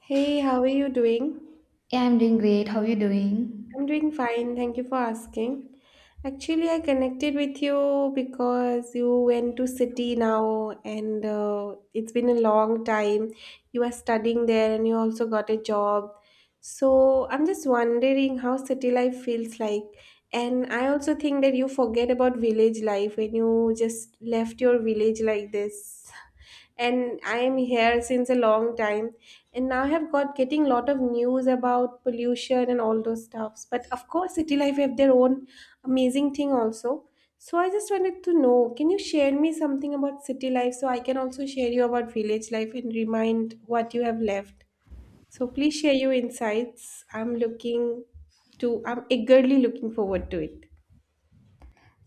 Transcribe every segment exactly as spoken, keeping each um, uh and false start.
Hey, how are you doing? Yeah, I'm doing great. How are you doing? I'm doing fine. Thank you for asking. Actually, I connected with you because you went to city now and uh, it's been a long time. You are studying there and you also got a job. So, I'm just wondering how city life feels like. And I also think that you forget about village life when you just left your village like this. And I am here since a long time, and now I have got getting lot of news about pollution and all those stuffs. But of course, city life have their own amazing thing also. So I just wanted to know, can you share me something about city life so I can also share you about village life and remind what you have left? So please share your insights. I'm looking to, I'm eagerly looking forward to it.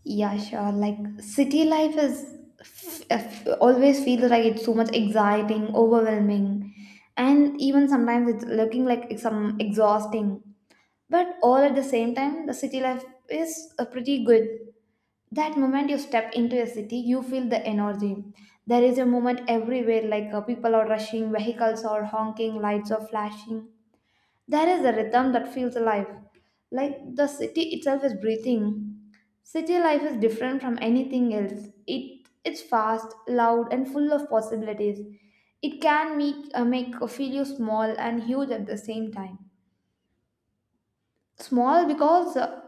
Yeah, sure. Like city life is f- f- always feels like it's so much exciting, overwhelming, and even sometimes it's looking like it's some exhausting. But all at the same time, the city life is uh, pretty good. That moment you step into a city, you feel the energy. There is a moment everywhere, like uh, people are rushing, vehicles are honking, lights are flashing. There is a rhythm that feels alive, like the city itself is breathing. City life is different from anything else. It it's fast, loud, and full of possibilities. It can make uh, make uh, feel you small and huge at the same time. Small because uh,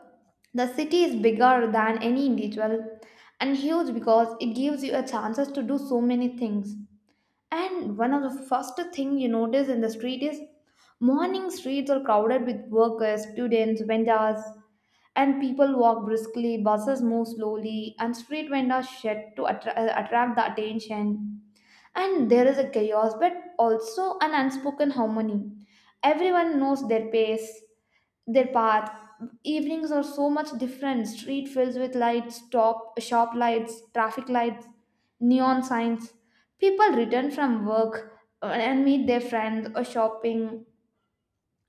the city is bigger than any individual, and huge because it gives you a chances to do so many things. And one of the first thing you notice in the street is morning streets are crowded with workers, students, vendors, and people walk briskly, buses move slowly, and street vendors shed to attra- uh, attract the attention. And there is a chaos, but also an unspoken harmony. Everyone knows their pace, their path. Evenings are so much different. Street fills with lights, top shop lights, traffic lights, neon signs. People return from work uh, and meet their friends or shopping,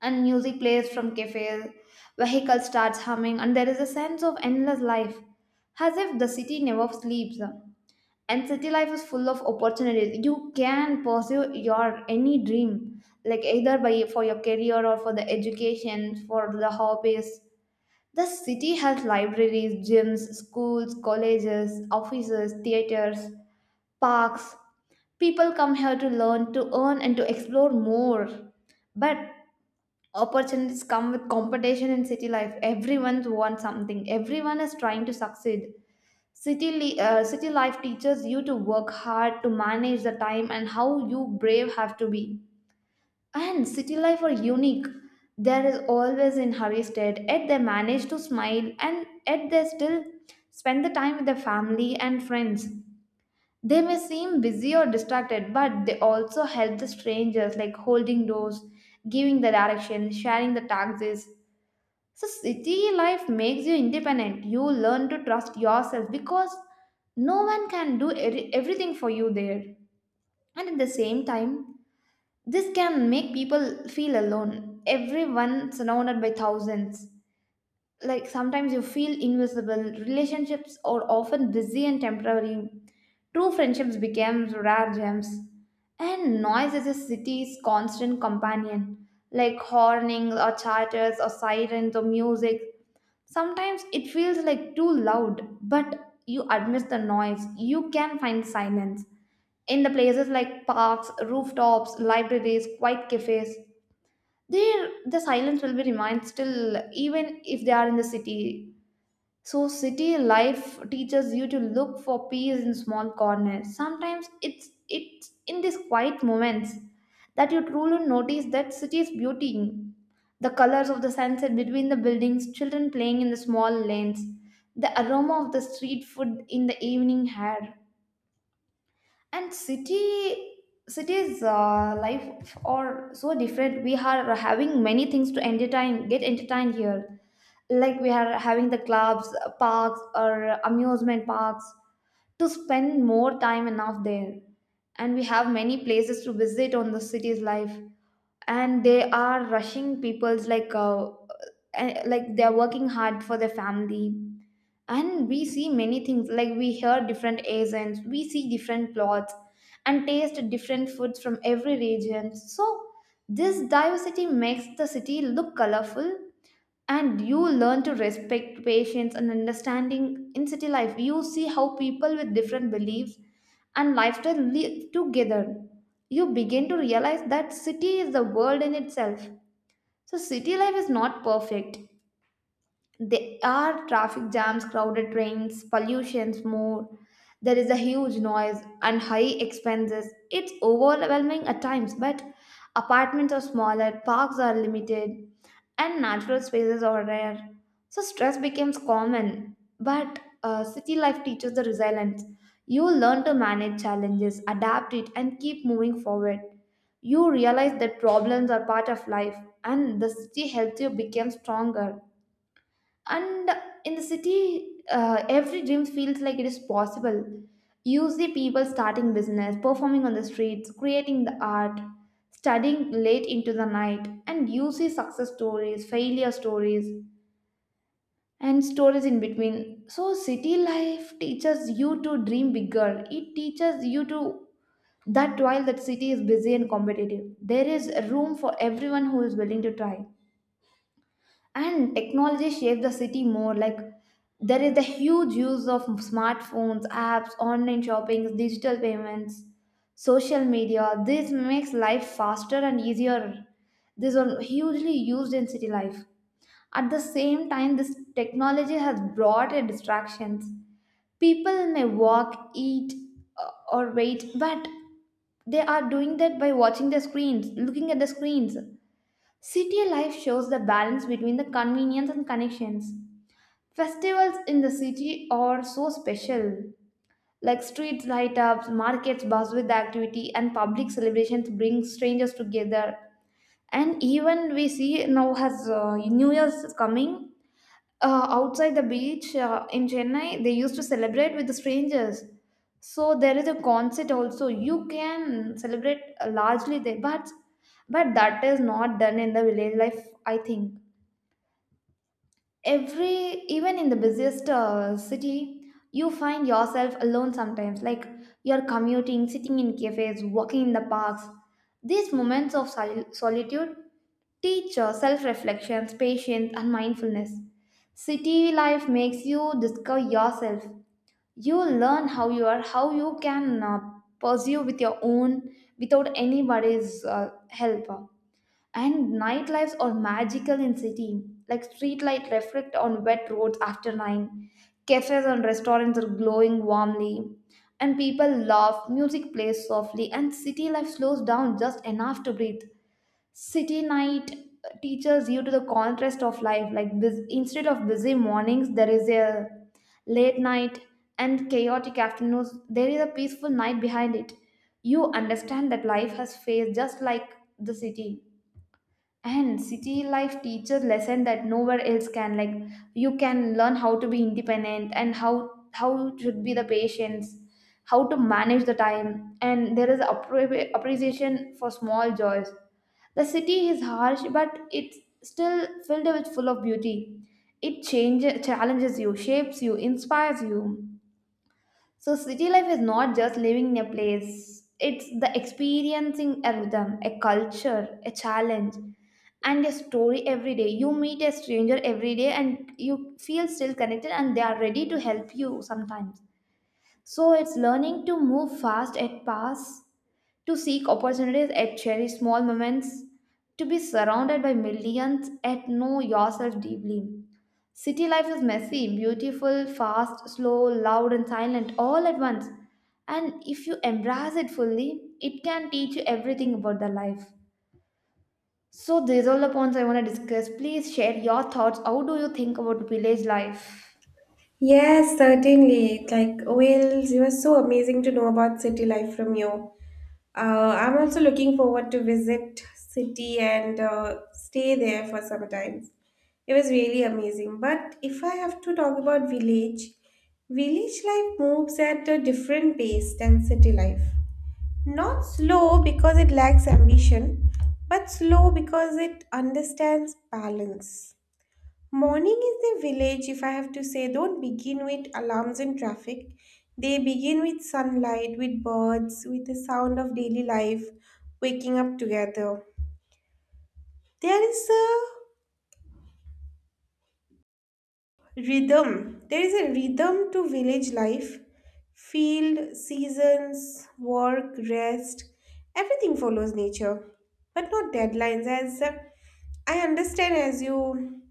and music plays from cafes. Vehicle starts humming, and there is a sense of endless life, as if the city never sleeps. And city life is full of opportunities. You can pursue your any dream, like either by for your career or for the education, for the hobbies. The city has libraries, gyms, schools, colleges, offices, theaters, parks. People come here to learn, to earn, and to explore more. But opportunities come with competition in city life. Everyone wants something, everyone is trying to succeed. City, li- uh, city life teaches you to work hard, to manage the time, and how you brave have to be. And city life are unique. There is always in hurry state, yet they manage to smile and yet they still spend the time with their family and friends. They may seem busy or distracted, but they also help the strangers like holding doors, giving the direction, sharing the taxis. So city life makes you independent. You learn to trust yourself because no one can do every- everything for you there. And at the same time, this can make people feel alone. Everyone surrounded by thousands. Like sometimes you feel invisible. Relationships are often busy and temporary. True friendships became rare gems. And noise is a city's constant companion, like horning or chatters or sirens or music. Sometimes it feels like too loud, but you amidst the noise, you can find silence in the places like parks, rooftops, libraries, quiet cafes. There, the silence will be remained still, even if they are in the city. So, city life teaches you to look for peace in small corners. Sometimes it's it's in these quiet moments that you truly notice that city's beauty. The colors of the sunset between the buildings, children playing in the small lanes, the aroma of the street food in the evening air, and city cities uh, life are so different. We are having many things to entertain, get entertained here, like we are having the clubs, parks or amusement parks to spend more time enough there, and we have many places to visit on the city's life. And they are rushing people's like uh, uh, like they're working hard for their family. And we see many things, like we hear different accents, we see different plots and taste different foods from every region. So this diversity makes the city look colorful, and you learn to respect patience and understanding. In city life, you see how people with different beliefs and lifestyle live together. You begin to realize that city is the world in itself. So city life is not perfect. There are traffic jams, crowded trains, pollutions more. There is a huge noise and high expenses. It's overwhelming at times, but apartments are smaller, parks are limited, and natural spaces are rare. So stress becomes common, but uh, city life teaches the resilience. You learn to manage challenges, adapt it, and keep moving forward. You realize that problems are part of life, and the city helps you become stronger. And in the city, uh, every dream feels like it is possible. You see people starting business, performing on the streets, creating the art, studying late into the night, and you see success stories, failure stories, and stories in between. So city life teaches you to dream bigger. It teaches you to that while that city is busy and competitive, there is room for everyone who is willing to try. And technology shaped the city more. Like there is the huge use of smartphones, apps, online shopping, digital payments, social media. This makes life faster and easier. These are hugely used in city life. At the same time, this technology has brought a distractions. People may walk, eat, uh, or wait, but they are doing that by watching the screens, looking at the screens. City life shows the balance between the convenience and connections. Festivals in the city are so special. Like streets light up, markets buzz with activity, and public celebrations bring strangers together. And even we see now has uh, New Year's is coming. Uh, outside the beach uh, in Chennai, they used to celebrate with the strangers. So there is a concert also. You can celebrate uh, largely there, but but that is not done in the village life, I think. Every even in the busiest uh, city, you find yourself alone sometimes. Like you're commuting, sitting in cafes, walking in the parks, these moments of sol- solitude teach uh, self-reflection, patience and mindfulness. City life makes you discover yourself. You learn how you are, how you can uh, pursue with your own without anybody's uh, help. And nightlives are magical in city, like street light reflect on wet roads after nine. Cafes and restaurants are glowing warmly, and people laugh, music plays softly, and city life slows down just enough to breathe. City night teaches you to the contrast of life, like bus- instead of busy mornings, there is a late night, and chaotic afternoons, there is a peaceful night behind it. You understand that life has phase just like the city. And city life teaches lesson that nowhere else can. Like you can learn how to be independent, and how how should be the patience, how to manage the time, and there is appre- appreciation for small joys. The city is harsh, but it's still filled with full of beauty. It changes, challenges you, shapes you, inspires you. So city life is not just living in a place, it's the experiencing a rhythm, a culture, a challenge, and a story every day. You meet a stranger every day and you feel still connected, and they are ready to help you sometimes. So it's learning to move fast at pass, to seek opportunities and cherish small moments, to be surrounded by millions and know yourself deeply. City life is messy, beautiful, fast, slow, loud, and silent all at once. And if you embrace it fully, it can teach you everything about the life. So, these are all the points I want to discuss. Please share your thoughts. How do you think about village life? Yes, certainly. Like, Wales, you are so amazing to know about city life from you. Uh, I'm also looking forward to visit city and uh, stay there for some time. It was really amazing. But if I have to talk about village, village life moves at a different pace than city life. Not slow because it lacks ambition, but slow because it understands balance. Morning is the village, if I have to say, don't begin with alarms and traffic. They begin with sunlight, with birds, with the sound of daily life, waking up together. There is a Rhythm. There is a rhythm to village life. Field, seasons, work, rest, everything follows nature, but not deadlines. As uh, I understand, as you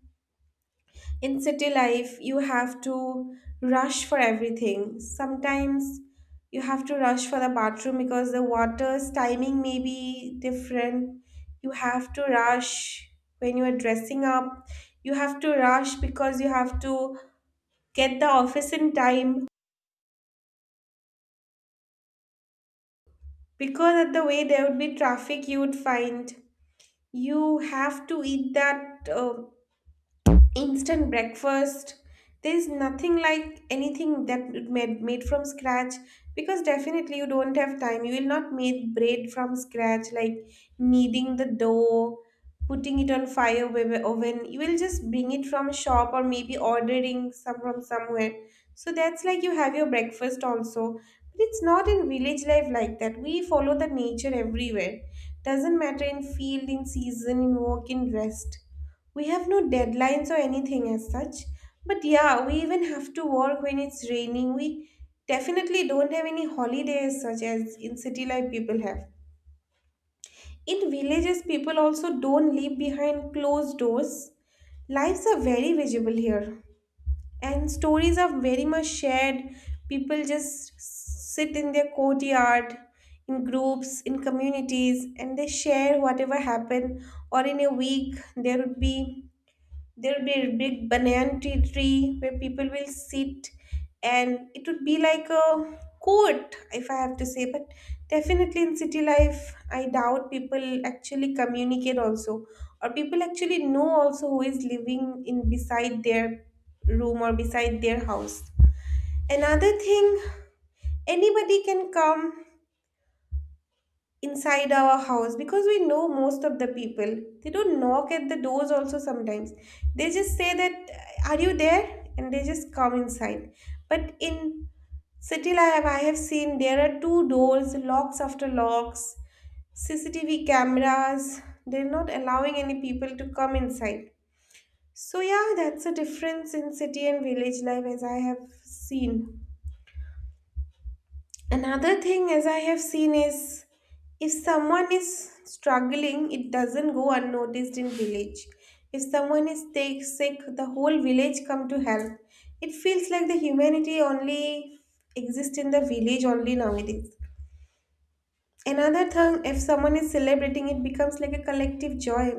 in city life, you have to rush for everything. Sometimes you have to rush for the bathroom because the water's timing may be different. You have to rush when you are dressing up. You have to rush because you have to get the office in time because of the way there would be traffic you would find you have to eat that uh, instant breakfast. There's nothing like anything that it made made from scratch, because definitely you don't have time. You will not make bread from scratch, like kneading the dough, putting it on fire ov- oven. You will just bring it from a shop or maybe ordering some from somewhere. So that's like you have your breakfast also, but it's not in village life like that. We follow the nature everywhere. Doesn't matter, in field, in season, in work, in rest, we have no deadlines or anything as such. But yeah, we even have to work when it's raining. We definitely don't have any holidays such as in city life people have. In villages, people also don't live behind closed doors. Lives are very visible here, and stories are very much shared. People just sit in their courtyard, in groups, in communities, and they share whatever happened. Or in a week, there would be there'll be a big banana tree, tree where people will sit, and it would be like a court, if I have to say. But definitely in city life, I doubt people actually communicate also, or people actually know also who is living in beside their room or beside their house. Another thing, anybody can come inside our house because we know most of the people. They don't knock at the doors also sometimes. They just say that, are you there, and they just come inside. But in city life, I have seen, there are two doors, locks after locks, C C T V cameras, they're not allowing any people to come inside. So yeah, that's a difference in city and village life as I have seen. Another thing, as I have seen, is if someone is struggling, it doesn't go unnoticed in village. If someone is take, sick, the whole village come to help. It feels like the humanity only exists in the village only nowadays. Another thing, if someone is celebrating, it becomes like a collective joy.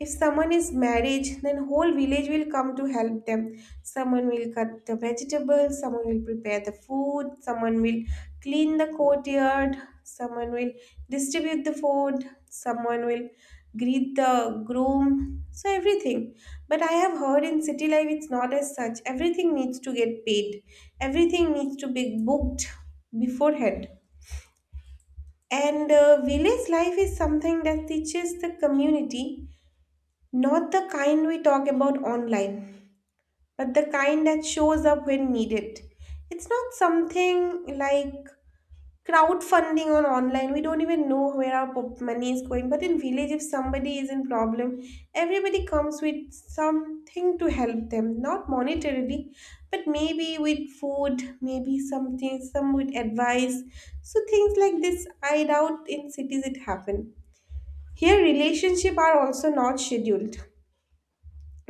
If someone is married, then whole village will come to help them. Someone will cut the vegetables, someone will prepare the food, someone will clean the courtyard, someone will distribute the food, someone will greet the groom. So everything. But I have heard in city life it's not as such. Everything needs to get paid. Everything needs to be booked beforehand. And uh, Village life is something that teaches the community, not the kind we talk about online, but the kind that shows up when needed. It's not something like crowdfunding on online. We don't even know where our pop- money is going. But in village, if somebody is in problem, everybody comes with something to help them, not monetarily, but maybe with food, maybe something, some with advice. So things like this, I doubt in cities it happen. Here relationship are also not scheduled.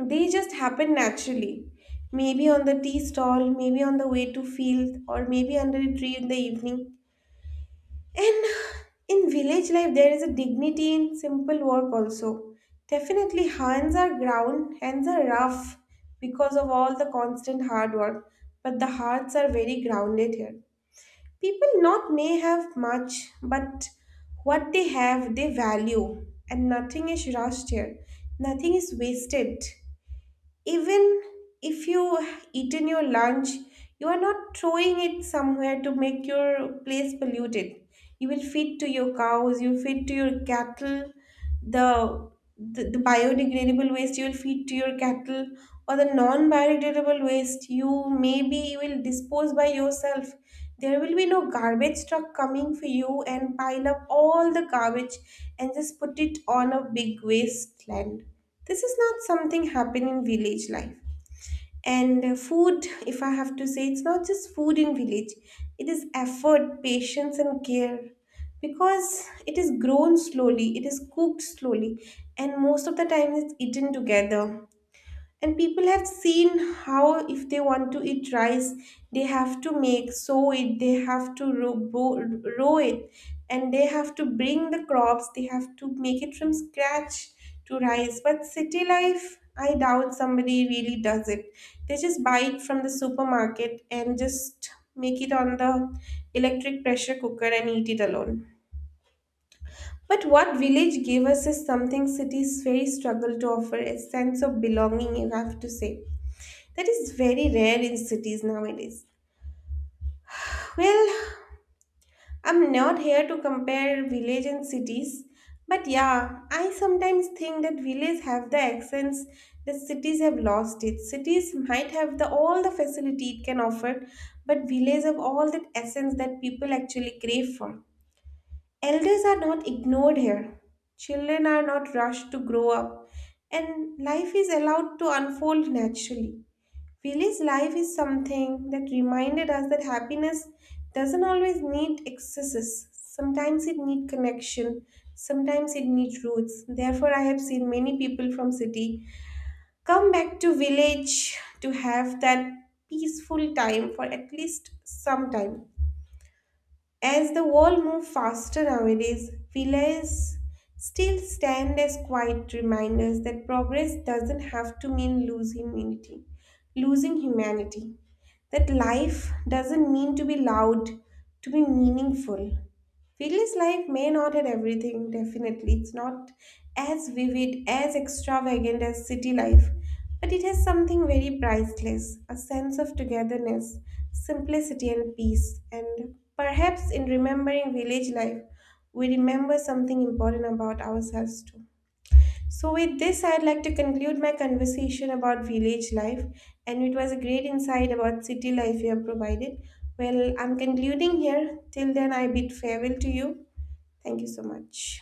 They just happen naturally, maybe on the tea stall, maybe on the way to field, or maybe under a tree in the evening. And in village life, there is a dignity in simple work also. Definitely, hands are ground, hands are rough because of all the constant hard work, but the hearts are very grounded here. People not may have much, but what they have, they value, and nothing is rushed here. Nothing is wasted. Even if you eaten your lunch, you are not throwing it somewhere to make your place polluted. You will feed to your cows, you feed to your cattle, the the, the biodegradable waste you will feed to your cattle, or the non-biodegradable waste you maybe will dispose by yourself. There will be no garbage truck coming for you and pile up all the garbage and just put it on a big wasteland. This is not something happen in village life. And uh, food if I have to say, it's not just food in village. It is effort, patience, and care, because it is grown slowly, it is cooked slowly, and most of the time it's eaten together. And people have seen how, if they want to eat rice, they have to make, sow it, they have to row bo- row it, and they have to bring the crops, they have to make it from scratch to rice. But city life, I doubt somebody really does it. They just buy it from the supermarket and just make it on the electric pressure cooker and eat it alone. But what village gave us is something cities very struggle to offer, a sense of belonging, you have to say. That is very rare in cities nowadays. Well, I'm not here to compare village and cities, but yeah, I sometimes think that villages have the accents that cities have lost it. Cities might have the all the facility it can offer, but villages have all that essence that people actually crave for. Elders are not ignored here. Children are not rushed to grow up, and life is allowed to unfold naturally. Willie's life is something that reminded us that happiness doesn't always need excesses. Sometimes it needs connection, sometimes it needs roots. Therefore, I have seen many people from city come back to village to have that peaceful time for at least some time. As the world moves faster nowadays, failures still stand as quiet reminders that progress doesn't have to mean losing humanity, losing humanity. That life doesn't mean to be loud, to be meaningful. Village life may not have everything, definitely. It's not as vivid, as extravagant as city life, but it has something very priceless, a sense of togetherness, simplicity, and peace. And perhaps in remembering village life, we remember something important about ourselves too. So, with this, I'd like to conclude my conversation about village life, and it was a great insight about city life you have provided. Well, I'm concluding here. Till then, I bid farewell to you. Thank you so much.